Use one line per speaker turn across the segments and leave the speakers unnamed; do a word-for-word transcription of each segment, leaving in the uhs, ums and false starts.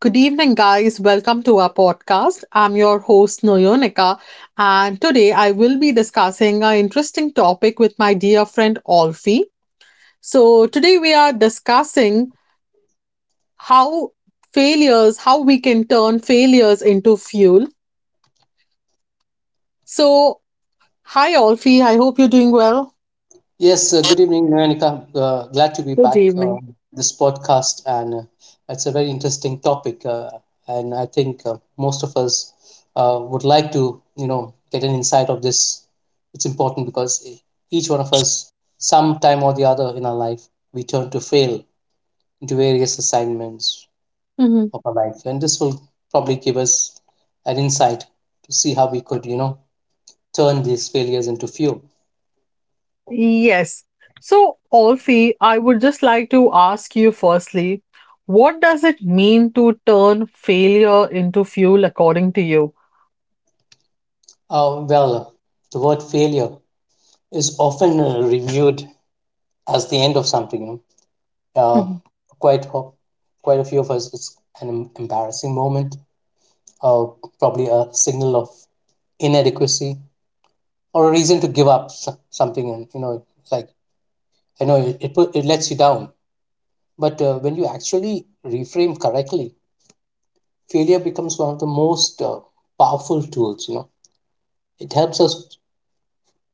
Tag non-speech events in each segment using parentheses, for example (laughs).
Good evening, guys. Welcome to our podcast. I'm your host, Noyonika, and today I will be discussing an interesting topic with my dear friend, Olfi. So, today we are discussing how failures, how we can turn failures into fuel. So, hi, Olfi. I hope you're doing well.
Yes, uh, good evening, Nayanika. Uh, glad to be
Good
back
evening.
on this podcast, and uh, it's a very interesting topic. Uh, and I think uh, most of us uh, would like to, you know, get an insight of this. It's important because e, each one of us, sometime or the other in our life, we turn to fail into various assignments of our life, and this will probably give us an insight to see how we could, you know, turn these failures into fuel.
Yes. So, Olfi, I would just like to ask you firstly, what does it mean to turn failure into fuel according to you?
Uh, well, the word failure is often uh, reviewed as the end of something. You know, uh,
Mhm.
quite ho- Quite a few of us, it's an em- embarrassing moment, or probably a signal of inadequacy, or a reason to give up s- something. And you know, it's like I know it it, put, it lets you down, but uh, when you actually reframe correctly, failure becomes one of the most uh, powerful tools. You know, it helps us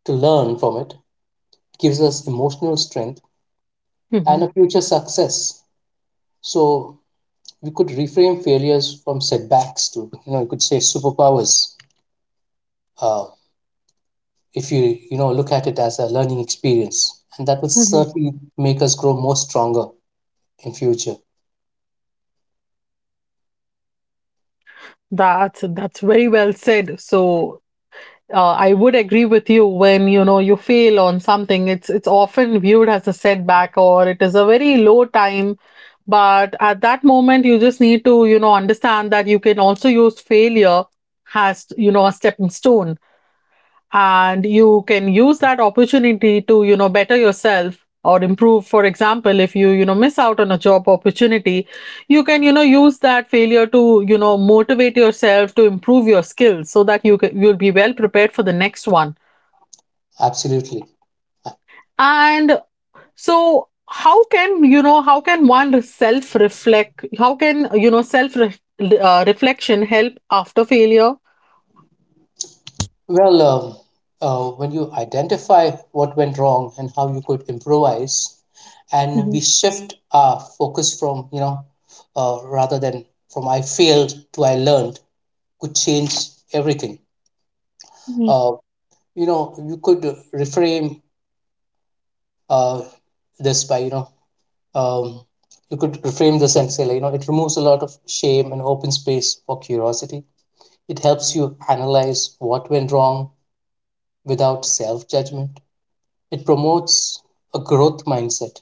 to learn from it, gives us emotional strength and
Mhm.
a future success. So we could reframe failures from setbacks to, you know, you could say superpowers, uh, if you, you know, look at it as a learning experience, and that would
Mhm.
certainly make us grow more stronger in future.
That's that's very well said. So, uh, I would agree with you. When you know you fail on something, it's it's often viewed as a setback, or it is a very low time. But at that moment, you just need to, you know, understand that you can also use failure as, you know, a stepping stone, and you can use that opportunity to you know better yourself or improve. For example, if you you know miss out on a job opportunity, you can you know use that failure to you know motivate yourself to improve your skills, so that you can, you'll be well prepared for the next one.
Absolutely.
And so how can you know how can one self reflect? How can you know self ref- uh, reflection help after failure?
Well um, uh, when you identify what went wrong and how you could improvise, and we shift our focus from, you know, uh, rather than from "I failed" to "I learned" could change everything.
Mm-hmm.
uh, you know, you could reframe, uh, this by you know um, you could reframe this and say, like, you know, it removes a lot of shame and open space for curiosity. It helps you analyze what went wrong without self judgment. It promotes a growth mindset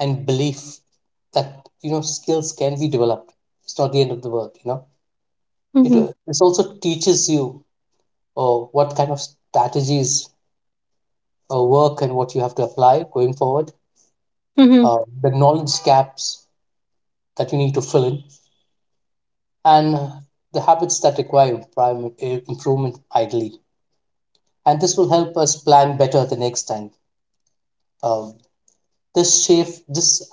and belief that, you know, skills can be developed. It's not the end of the world. You know, it uh, this also teaches you uh, what kind of strategies uh, work and what you have to apply going forward,
Mm-hmm.
uh, the knowledge gaps that you need to fill in and the habits that require improvement, improvement ideally. And this will help us plan better the next time. Um, this shift, this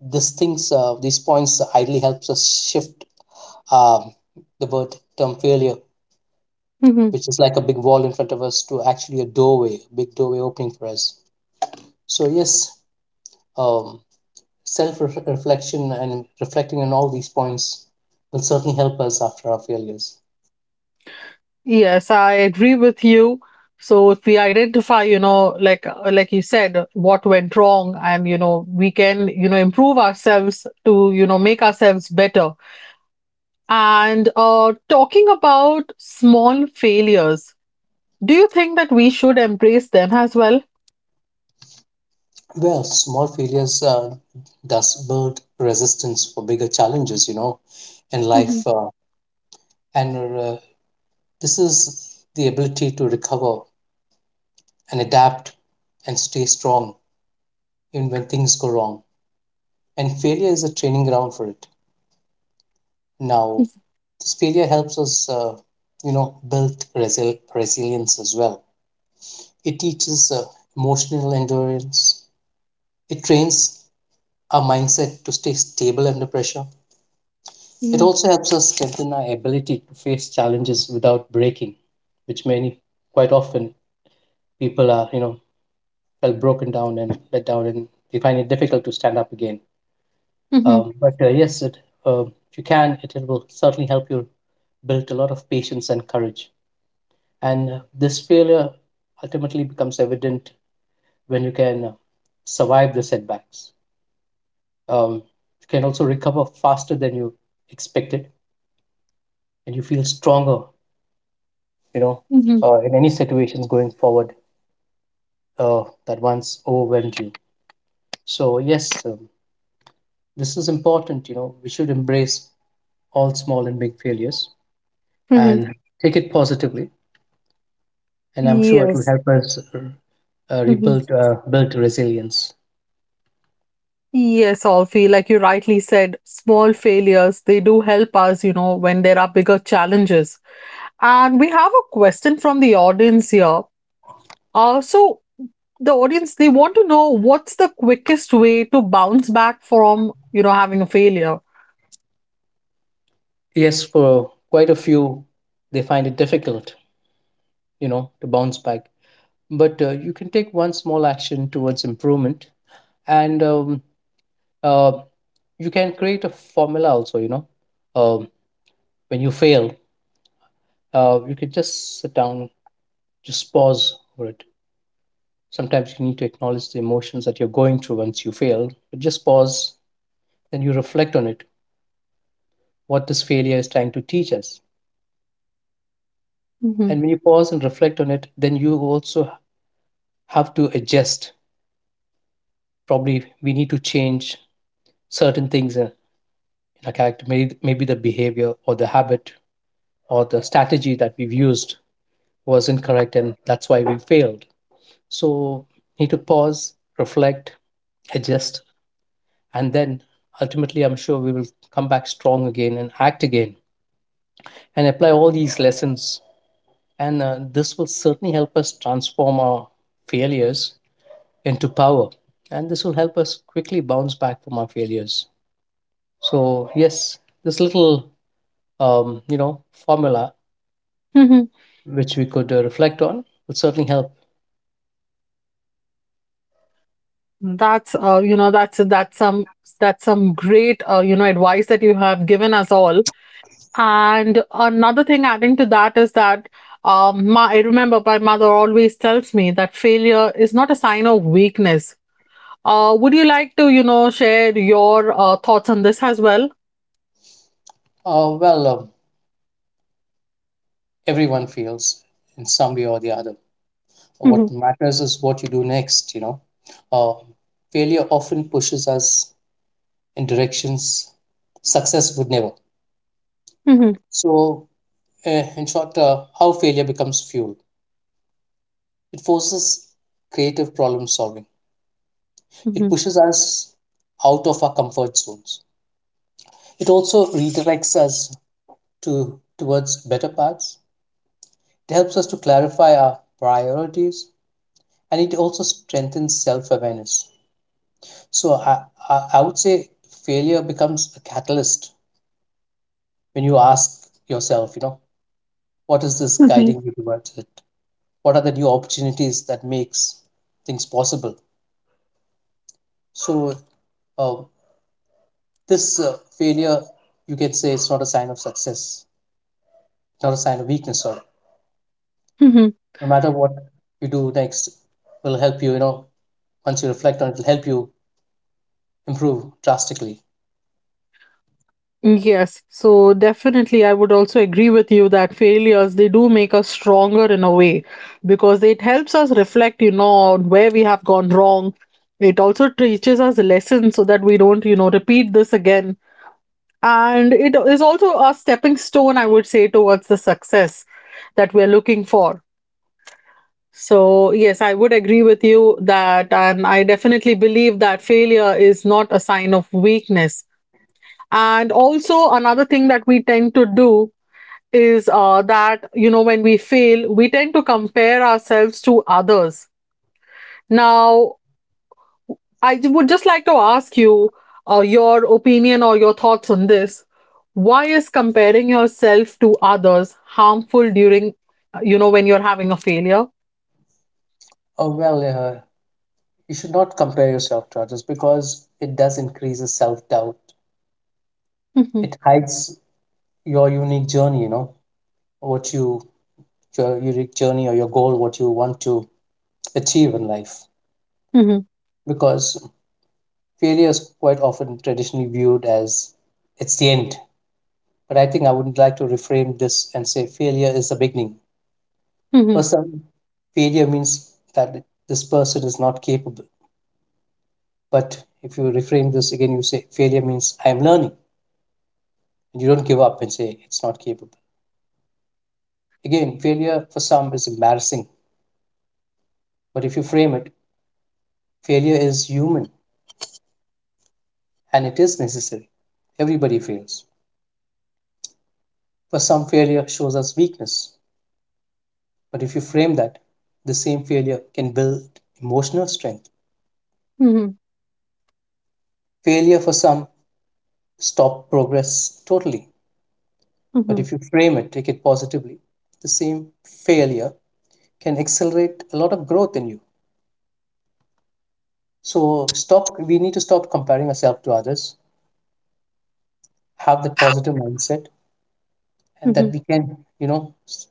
this things, uh, these points ideally helps us shift, um, the word term failure,
Mm-hmm.
which is like a big wall in front of us, to actually a doorway, a big doorway opening for us. So yes, um, self reflection and reflecting on all these points will certainly help us after our failures.
Yes, I agree with you. So if we identify, you know, like uh, like you said, what went wrong, and you know, we can, you know, improve ourselves to, you know, make ourselves better. And uh, talking about small failures, do you think that we should embrace them as well?
Well, small failures uh, does build resistance for bigger challenges, you know, in
Mhm.
life, uh, and uh, this is the ability to recover and adapt and stay strong even when things go wrong. And failure is a training ground for it. Now, this failure helps us, uh, you know, build resil- resilience as well. It teaches uh, emotional endurance. It trains our mindset to stay stable under pressure. It
Mhm.
also helps us strengthen our ability to face challenges without breaking, which many, quite often, people are, you know, felt broken down and let down, and they find it difficult to stand up again.
Hmm.
Um, but uh, yes, it, uh, if you can, it, it will certainly help you build a lot of patience and courage. And uh, this failure ultimately becomes evident when you can uh, survive the setbacks. Um, you can also recover faster than you expected, and you feel stronger, you know,
Hmm.
uh, in any situations going forward uh, that once overwhelmed you. So, yes, um, this is important. You know, we should embrace all small and big failures
Mhm.
and take it positively. And I'm sure it will
Yes.
help us, uh, uh,
Mhm.
rebuild, uh, build resilience.
Yes, Alfie, like you rightly said, small failures, they do help us, you know, when there are bigger challenges. And we have a question from the audience here. Uh, so the audience, they want to know what's the quickest way to bounce back from you know having a failure.
Yes, for quite a few, they find it difficult, you know, to bounce back. But uh, you can take one small action towards improvement, and um, uh, you can create a formula also, you know. Um, when you fail, uh, you could just sit down, just pause over it. Sometimes you need to acknowledge the emotions that you're going through once you fail, but just pause, then you reflect on it, what this failure is trying to teach us.
Hmm.
And when you pause and reflect on it, then you also have to adjust. Probably we need to change certain things uh, in our character, maybe, maybe the behavior or the habit or the strategy that we've used was incorrect and that's why we failed. So, need to pause, reflect, adjust, and then ultimately I'm sure we will come back strong again and act again and apply all these lessons, and uh, this will certainly help us transform our failures into power, and this will help us quickly bounce back from our failures. So yes, this little, um, you know, formula
Hmm.
which we could uh, reflect on would certainly help.
That's uh, you know that's that's some that's some great uh, you know advice that you have given us all. And another thing adding to that is that um, my, I remember my mother always tells me that failure is not a sign of weakness. Uh, would you like to, you know, share your uh, thoughts on this as well?
Uh, well um, everyone feels in some way or the other.
Mhm.
What matters is what you do next, you know. uh, Failure often pushes us in directions success would never.
Mhm.
So, uh, in short, uh, how failure becomes fuel. It forces creative problem solving. It
Mhm.
pushes us out of our comfort zones. It also redirects us to towards better paths. It helps us to clarify our priorities, and it also strengthens self-awareness. So, I, I, I would say failure becomes a catalyst when you ask yourself, you know, what is this
Mhm.
guiding you towards? What are the new opportunities that makes things possible? So uh, this uh, failure, you can say it's not a sign of success, not a sign of weakness, sorry.
Mhm.
No matter what you do next will help you, you know, once you reflect on it, will help you improve drastically.
Yes, so definitely I would also agree with you that failures, they do make us stronger in a way, because it helps us reflect, you know, on where we have gone wrong. It also teaches us lessons, so that we don't, you know, repeat this again. And it is also a stepping stone, I would say, towards the success that we're looking for. So, yes, I would agree with you that, and I definitely believe that failure is not a sign of weakness. And also, another thing that we tend to do is uh, that, you know, when we fail, we tend to compare ourselves to others. Now, I j- would just like to ask you uh, your opinion or your thoughts on this. Why is comparing yourself to others harmful during, uh, you know, when you're having a failure?
Oh well uh, you should not compare yourself to others because it does increase the self-doubt.
Mm-hmm.
It hides your unique journey, you know, what you your unique journey or your goal, what you want to achieve in life,
Mm-hmm.
because failure is quite often traditionally viewed as it's the end. But I think I would like to reframe this and say failure is the beginning. For
Hmm.
some, failure means that this person is not capable. But if you reframe this again, you say failure means I am learning. And you don't give up and say it's not capable. Again, failure for some is embarrassing. But if you frame it, failure is human and it is necessary. Everybody fails. For some, failure shows us weakness. But if you frame that, the same failure can build emotional strength. Failure for some stop progress totally. But
Hmm.
if you frame it, take it positively, the same failure can accelerate a lot of growth in you. So stop we need to stop comparing ourselves to others, have that positive mindset, and that
Hmm.
we can, you know, s-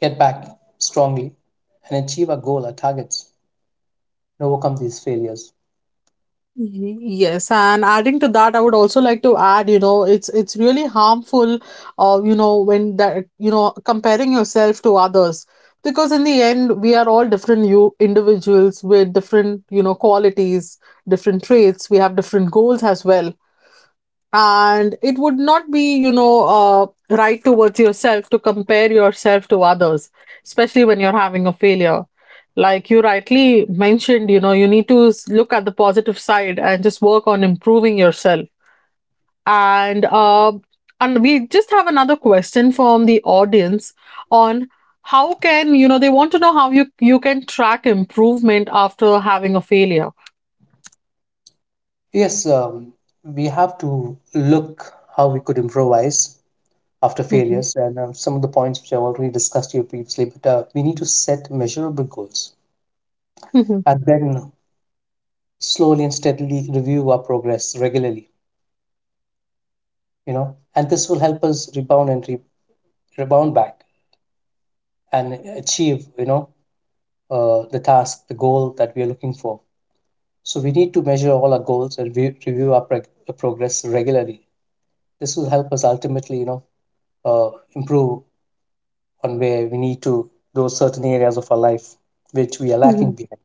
get back strongly and achieve our goal, our targets, and overcome these failures.
Y- Yes, and adding to that, I would also like to add, you know, it's it's really harmful, uh, you know, when that you know comparing yourself to others, because in the end, we are all different you individuals with different you know qualities, different traits. We have different goals as well, and it would not be you know uh, right towards yourself to compare yourself to others, especially when you're having a failure. Like you rightly mentioned you know you need to s- look at the positive side and just work on improving yourself. And uh, and we just have another question from the audience on how can, you know they want to know how you you can track improvement after having a failure.
Yes, um, we have to look how we could improvise after
Mhm.
failures, and uh, some of the points which I've already discussed here previously. But uh, we need to set measurable goals and then slowly and steadily review our progress regularly. You know, and this will help us rebound and re- rebound back and achieve, you know, uh, the task, the goal that we are looking for. So we need to measure all our goals and re- review our preg- uh, progress regularly. This will help us ultimately, you know, uh, improve on where we need to, those certain areas of our life which we are lacking
Mhm.
behind.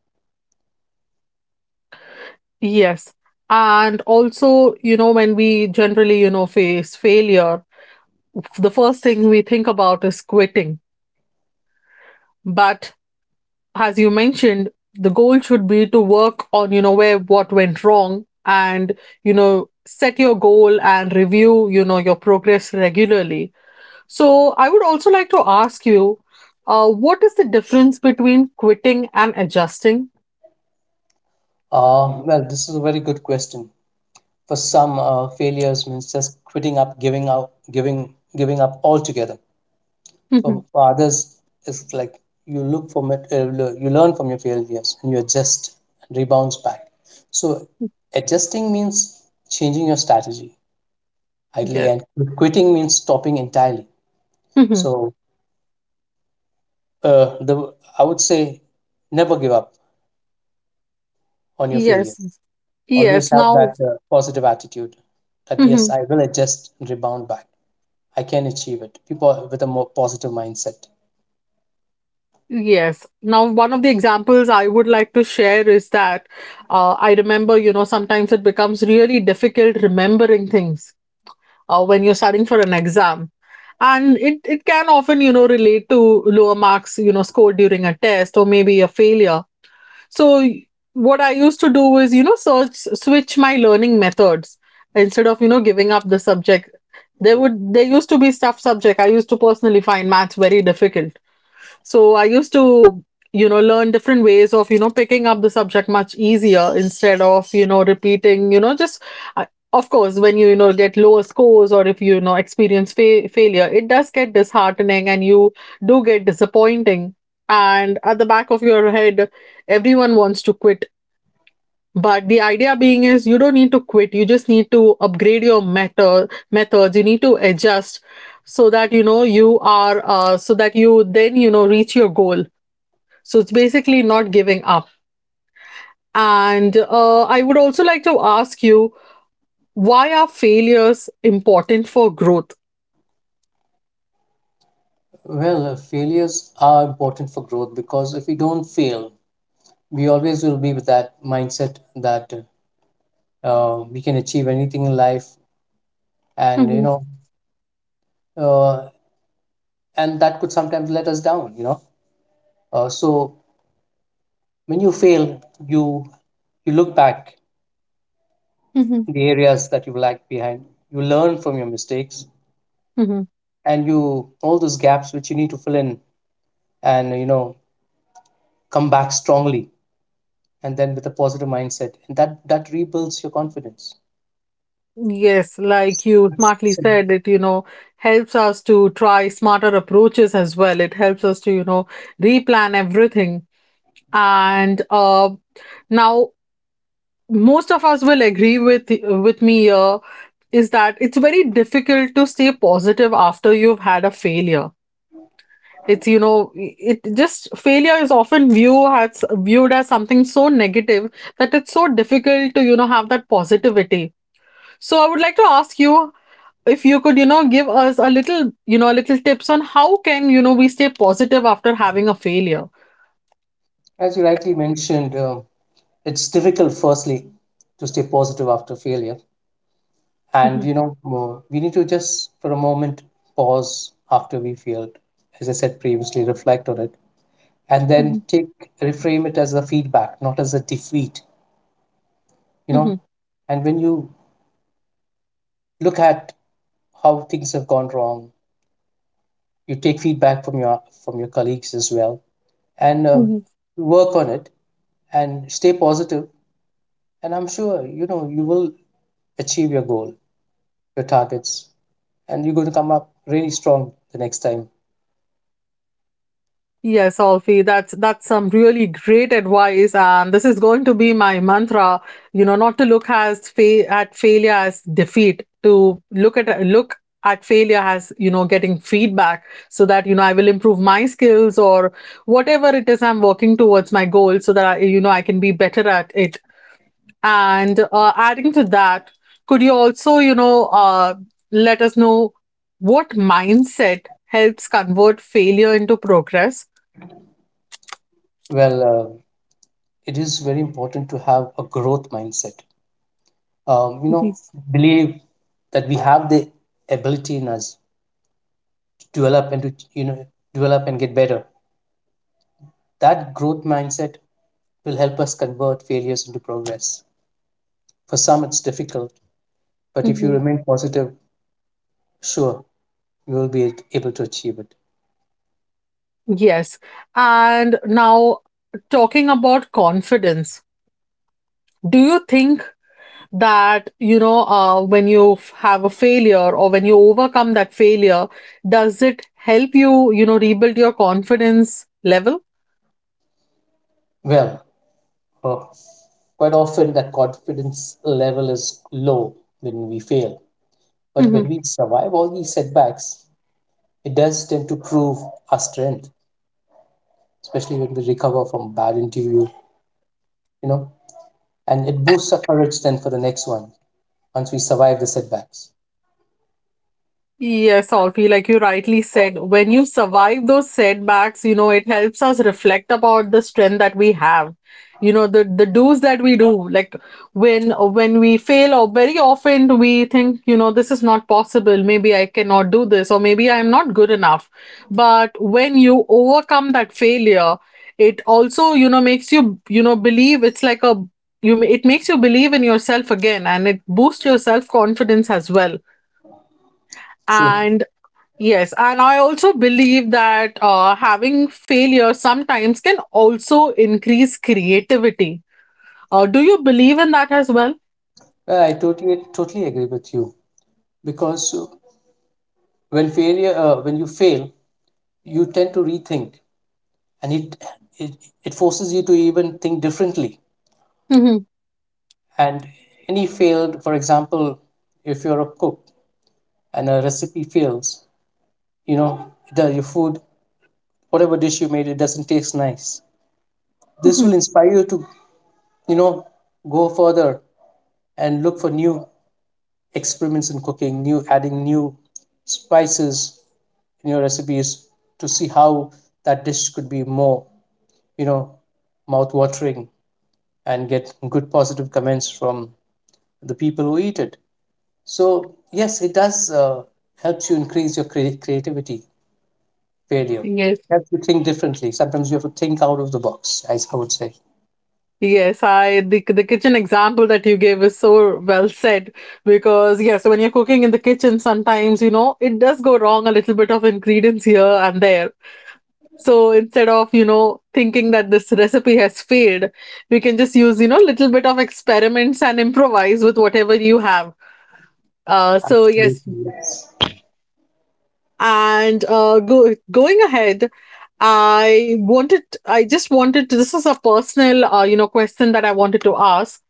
Yes. And also, you know, when we generally, you know, face failure, the first thing we think about is quitting. But as you mentioned, the goal should be to work on, you know, where what went wrong, and, you know, set your goal, and review, you know, your progress regularly. So I would also like to ask you, uh, what is the difference between quitting and adjusting?
Uh, well, this is a very good question. For some, uh, failures means just quitting up, giving out, giving, giving up altogether. For, for others, it's like you look from it, uh, le- you learn from your failures, and you adjust and rebounds back. So, adjusting means changing your strategy
(laughs)
ideally,
Yes.
and quitting means stopping entirely.
(laughs)
So, uh, the I would say, never give up on your
Yes.
failures. Always
Yes.
have
Now,
that uh, positive attitude that yes,
(laughs)
I will adjust and rebound back. I can achieve it. People with a more positive mindset.
Yes. Now, one of the examples I would like to share is that uh, I remember, you know, sometimes it becomes really difficult remembering things uh, when you're studying for an exam. And it, it can often, you know, relate to lower marks, you know, scored during a test or maybe a failure. So, y- what I used to do is, you know, search, switch my learning methods instead of, you know, giving up the subject. There would, there used to be tough subject. I used to personally find maths very difficult. So I used to, you know, learn different ways of, you know, picking up the subject much easier, instead of, you know, repeating, you know, just, I, of course, when you, you know, get lower scores, or if you, you know, experience fa- failure, it does get disheartening, and you do get disappointing. And at the back of your head, everyone wants to quit. But the idea being is, you don't need to quit. You just need to upgrade your method methods. You need to adjust, so that you know you are uh, so that you then you know reach your goal. So it's basically not giving up. And uh, I would also like to ask you, why are failures important for growth?
Well, uh, failures are important for growth because if we don't fail, we always will be with that mindset that uh, uh, we can achieve anything in life, and you
Hmm.
know, uh, and that could sometimes let us down. You know, uh, so when you fail, you you look back
Hmm.
in the areas that you've lagged behind. You learn from your mistakes,
Hmm.
and you all those gaps which you need to fill in, and you know, come back strongly and then with a positive mindset and that that rebuilds your confidence.
Yes, like you smartly said, it, you know, helps us to try smarter approaches as well. It helps us to, you know, replan everything. And uh, now, most of us will agree with with me here, is that it's very difficult to stay positive after you've had a failure. It's you know it just failure is often viewed as viewed as something so negative, that it's so difficult to you know have that positivity. So I would like to ask you, if you could, you know, give us a little you know a little tips on how can, you know we stay positive after having a failure.
As you rightly mentioned, um, it's difficult firstly to stay positive after failure. And
Mhm.
you know, mo- we need to just for a moment pause after we failed, as I said previously, reflect on it, and then take, reframe it as a feedback, not as a defeat, you know.
Mhm.
And when you look at how things have gone wrong, you take feedback from your from your colleagues as well, and uh,
Mhm.
work on it and stay positive, and I'm sure, you know, you will achieve your goal, your targets, and you're going to come up really strong the next time.
Yes, Alfie, that's that's some really great advice, and this is going to be my mantra. You know, not to look as fa- at failure as defeat, to look at look at failure as, you know getting feedback, so that you know I will improve my skills, or whatever it is I'm working towards my goal, so that I, you know I can be better at it. And uh, adding to that, could you also you know uh, let us know, what mindset helps convert failure into progress?
Well, uh, it is very important to have a growth mindset. Um, you know, believe that we have the ability in us to develop and to, you know, develop and get better. That growth mindset will help us convert failures into progress. For some it's difficult, but if you
Hmm.
remain positive, sure you will be able to achieve it.
Yes. And now, talking about confidence, do you think that, you know, uh, when you f- have a failure, or when you overcome that failure, does it help you, you know, rebuild your confidence level?
Well, uh, quite often, that confidence level is low when we fail. But when we survive all these setbacks, it does tend to prove our strength, especially when we recover from bad interview, you know, and it boosts our courage then for the next one once we survive the setbacks.
Yes, Alfie, like you rightly said, when you survive those setbacks, you know, it helps us reflect about the strength that we have. You know, the the do's that we do. Like when when we fail, or very often we think, you know, this is not possible. Maybe I cannot do this, or maybe I am not good enough. But when you overcome that failure, it also, you know, makes you, you know, believe. It's like a you. It makes you believe in yourself again, and it boosts your self confidence as well.
True.
And Yes, and I also believe that, uh, having failure sometimes can also increase creativity. Uh, do you believe in that as well?
Well, I totally totally agree with you, because uh, when failure, uh, when you fail, you tend to rethink, and it, it it forces you to even think differently.
Mhm.
And any failed, for example, if you're a cook and a recipe fails, you know, the, your food, whatever dish you made, it doesn't taste nice. This will
Mhm.
inspire you to, you know, go further and look for new experiments in cooking, new, adding new spices in your recipes to see how that dish could be more, you know, mouth watering, and get good positive comments from the people who eat it. So yes, it does uh, helps you increase your crea- creativity. Failure
Yes,
helps you think differently. Sometimes you have to think out of the box, as I would say.
yes. I the the kitchen example that you gave is so well said, because yes, when you're cooking in the kitchen, sometimes you know it does go wrong, a little bit of ingredients here and there. So instead of you know thinking that this recipe has failed, we can just use you know little bit of experiments and improvise with whatever you have. Uh, so yes,
Absolutely, yes.
and uh, go, going ahead, I wanted, I just wanted to, this is a personal, uh, you know, question that I wanted to ask.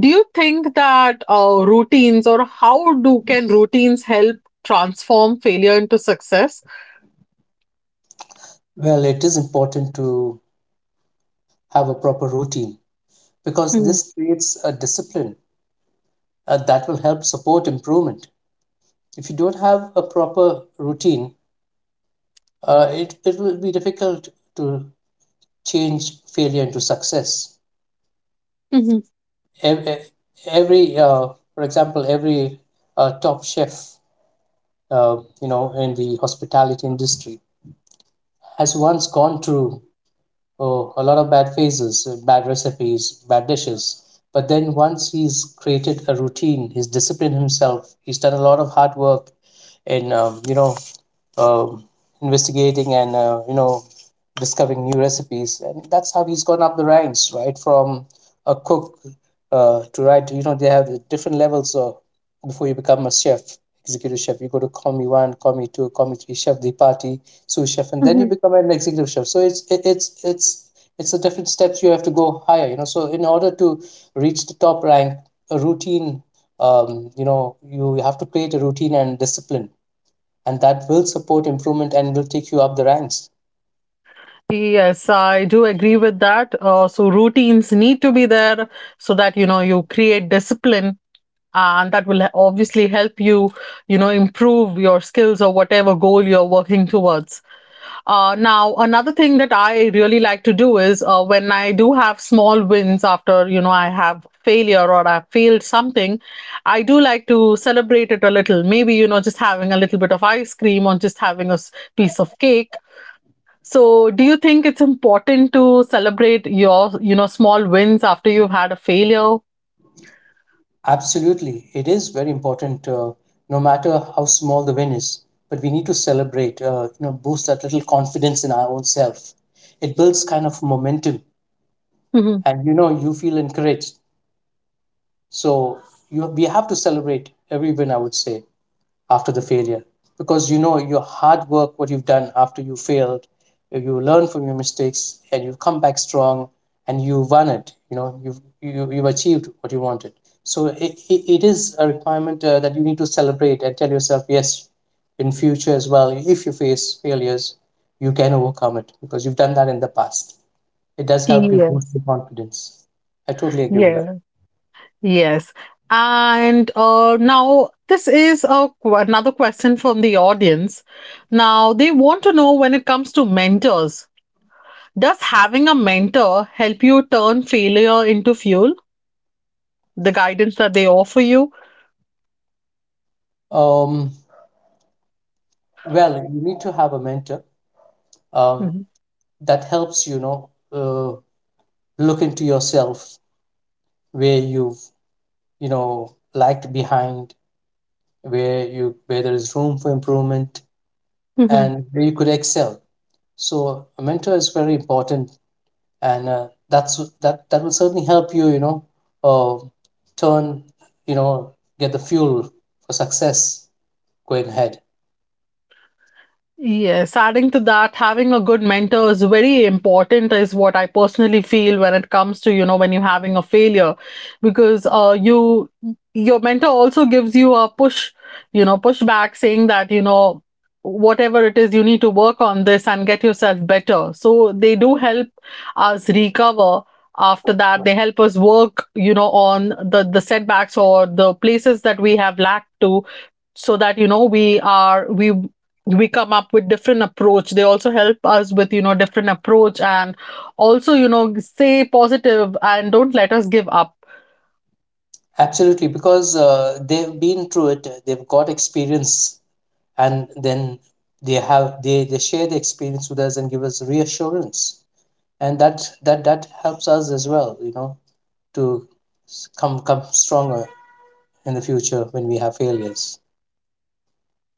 Do you think that uh, routines, or how do can routines help transform failure into success?
Well, it is important to have a proper routine because
Mhm.
this creates a discipline, uh, that will help support improvement. If you don't have a proper routine, uh, it, it will be difficult to change failure into success.
Mhm.
Every Every, uh, for example, every uh, top chef, uh, you know, in the hospitality industry, has once gone through, oh, a lot of bad phases, uh, bad recipes, bad dishes. But then once he's created a routine, he's disciplined himself. He's done a lot of hard work in, um, you know, um, investigating and uh, you know, discovering new recipes, and that's how he's gone up the ranks right from a cook, uh, to, right, you know, they have the different levels of, before you become a chef, executive chef. You go to commie one, commie two, commie three, chef de partie, sous chef, and then you
Mhm.
become an executive chef. So it's it, it's it's it's a different steps. You have to go higher, you know. So in order to reach the top rank, a routine, um, you know, you have to create a routine and discipline, and that will support improvement and will take you up the ranks.
Yes, I do agree with that. Uh, so routines need to be there, so that, you know you create discipline, and that will obviously help you you know improve your skills, or whatever goal you're working towards. Uh, now, another thing that I really like to do is, uh, when I do have small wins after, you know i have failure, or I failed something. I do like to celebrate it a little, maybe you know just having a little bit of ice cream, or just having a s- piece of cake. So do you think it's important to celebrate your you know small wins after you've had a failure?
Absolutely, it is very important, uh, no matter how small the win is. But we need to celebrate, uh, you know, boost that little confidence in our own self. It builds kind of momentum, and you know, you feel encouraged. So you, we have to celebrate every win, I would say, after the failure. Because you know, your hard work, what you've done after you failed, you learn from your mistakes and you come back strong, and you won it. You know, you've you, you've achieved what you wanted. So it, it, it is a requirement, uh, that you need to celebrate and tell yourself, yes, in future as well, if you face failures, you can overcome it because you've done that in the past. It
(laughs)
does help you boost
Yes.
your confidence. I totally agree with
Yes.
that.
Yes. And uh, now, this is a, qu- another question from the audience. Now, they want to know, when it comes to mentors, does having a mentor help you turn failure into fuel? The guidance that they offer you?
um, well, you need to have a mentor, um,
Mhm.
that helps, you know, uh, look into yourself where you've, you know, lagged behind, where you, where there is room for improvement, and where you could excel. So a mentor is very important, and uh, that's that that will certainly help you, you know, uh, turn, you know, get the fuel for success going ahead.
Yes, adding to that, having a good mentor is very important, is what I personally feel, when it comes to, you know, when you're having a failure, because uh, you, your mentor also gives you a push, you know, pushback, saying that, you know, whatever it is, you need to work on this and get yourself better. So they do help us recover after that. They help us work, you know, on the, the setbacks, or the places that we have lacked to, so that you know we are we we come up with different approach. They also help us with you know different approach, and also you know stay positive, and don't let us give up.
Absolutely, because uh, they've been through it, they've got experience, and then they have they they share the experience with us and give us reassurance, and that that that helps us as well, you know, to s- come, come stronger in the future when we have failures.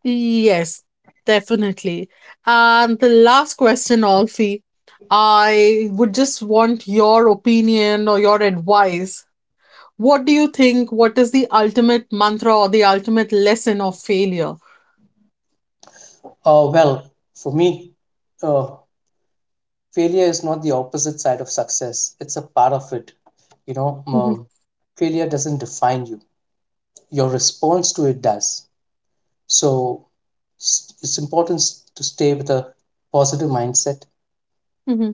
Yes, definitely. And the last question, Alfie, I would just want your opinion or your advice. What do you think? What is the ultimate mantra or the ultimate lesson of failure?
Oh well, for me, uh, failure is not the opposite side of success, it's a part of it, you know.
Mhm.
Um, failure doesn't define you, your response to it does. So, s- it's important, s- to stay with a positive mindset,
Mhm.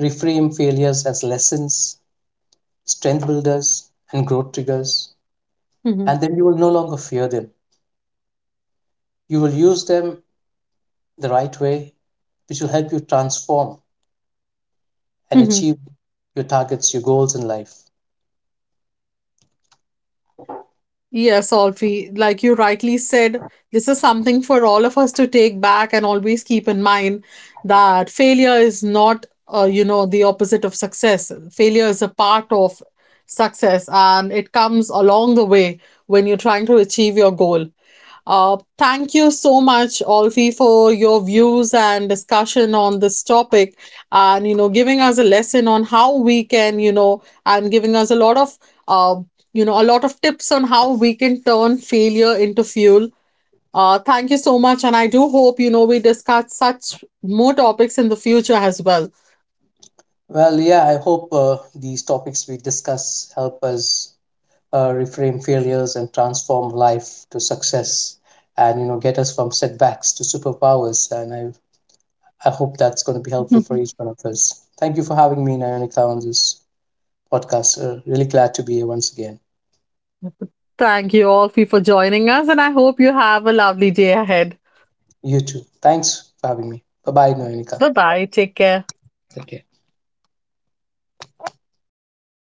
reframe failures as lessons, strength builders, and growth triggers.
Mhm.
And then you will no longer fear them. You will use them the right way, which will help you transform and
Mhm.
achieve your targets, your goals in life.
Yes, Alfie, like you rightly said, this is something for all of us to take back and always keep in mind, that failure is not, uh, you know, the opposite of success. Failure is a part of success, and it comes along the way when you're trying to achieve your goal. Uh, thank you so much, Olfi, for your views and discussion on this topic, and, you know, giving us a lesson on how we can, you know, and giving us a lot of, uh, you know, a lot of tips on how we can turn failure into fuel. Uh, thank you so much. And I do hope, you know, we discuss such more topics in the future as well.
Well, yeah, I hope uh, these topics we discuss help us, uh, reframe failures and transform life to success, and you know, get us from setbacks to superpowers. And I I hope that's going to be helpful for
(laughs)
each one of us. Thank you for having me, Nayonika, on this podcast. Uh, really glad to be here once again.
Thank you, Olfi, for joining us. And I hope you have a lovely day ahead.
You too. Thanks for having me. Bye bye, Noenika.
Bye bye. Take care.
Okay.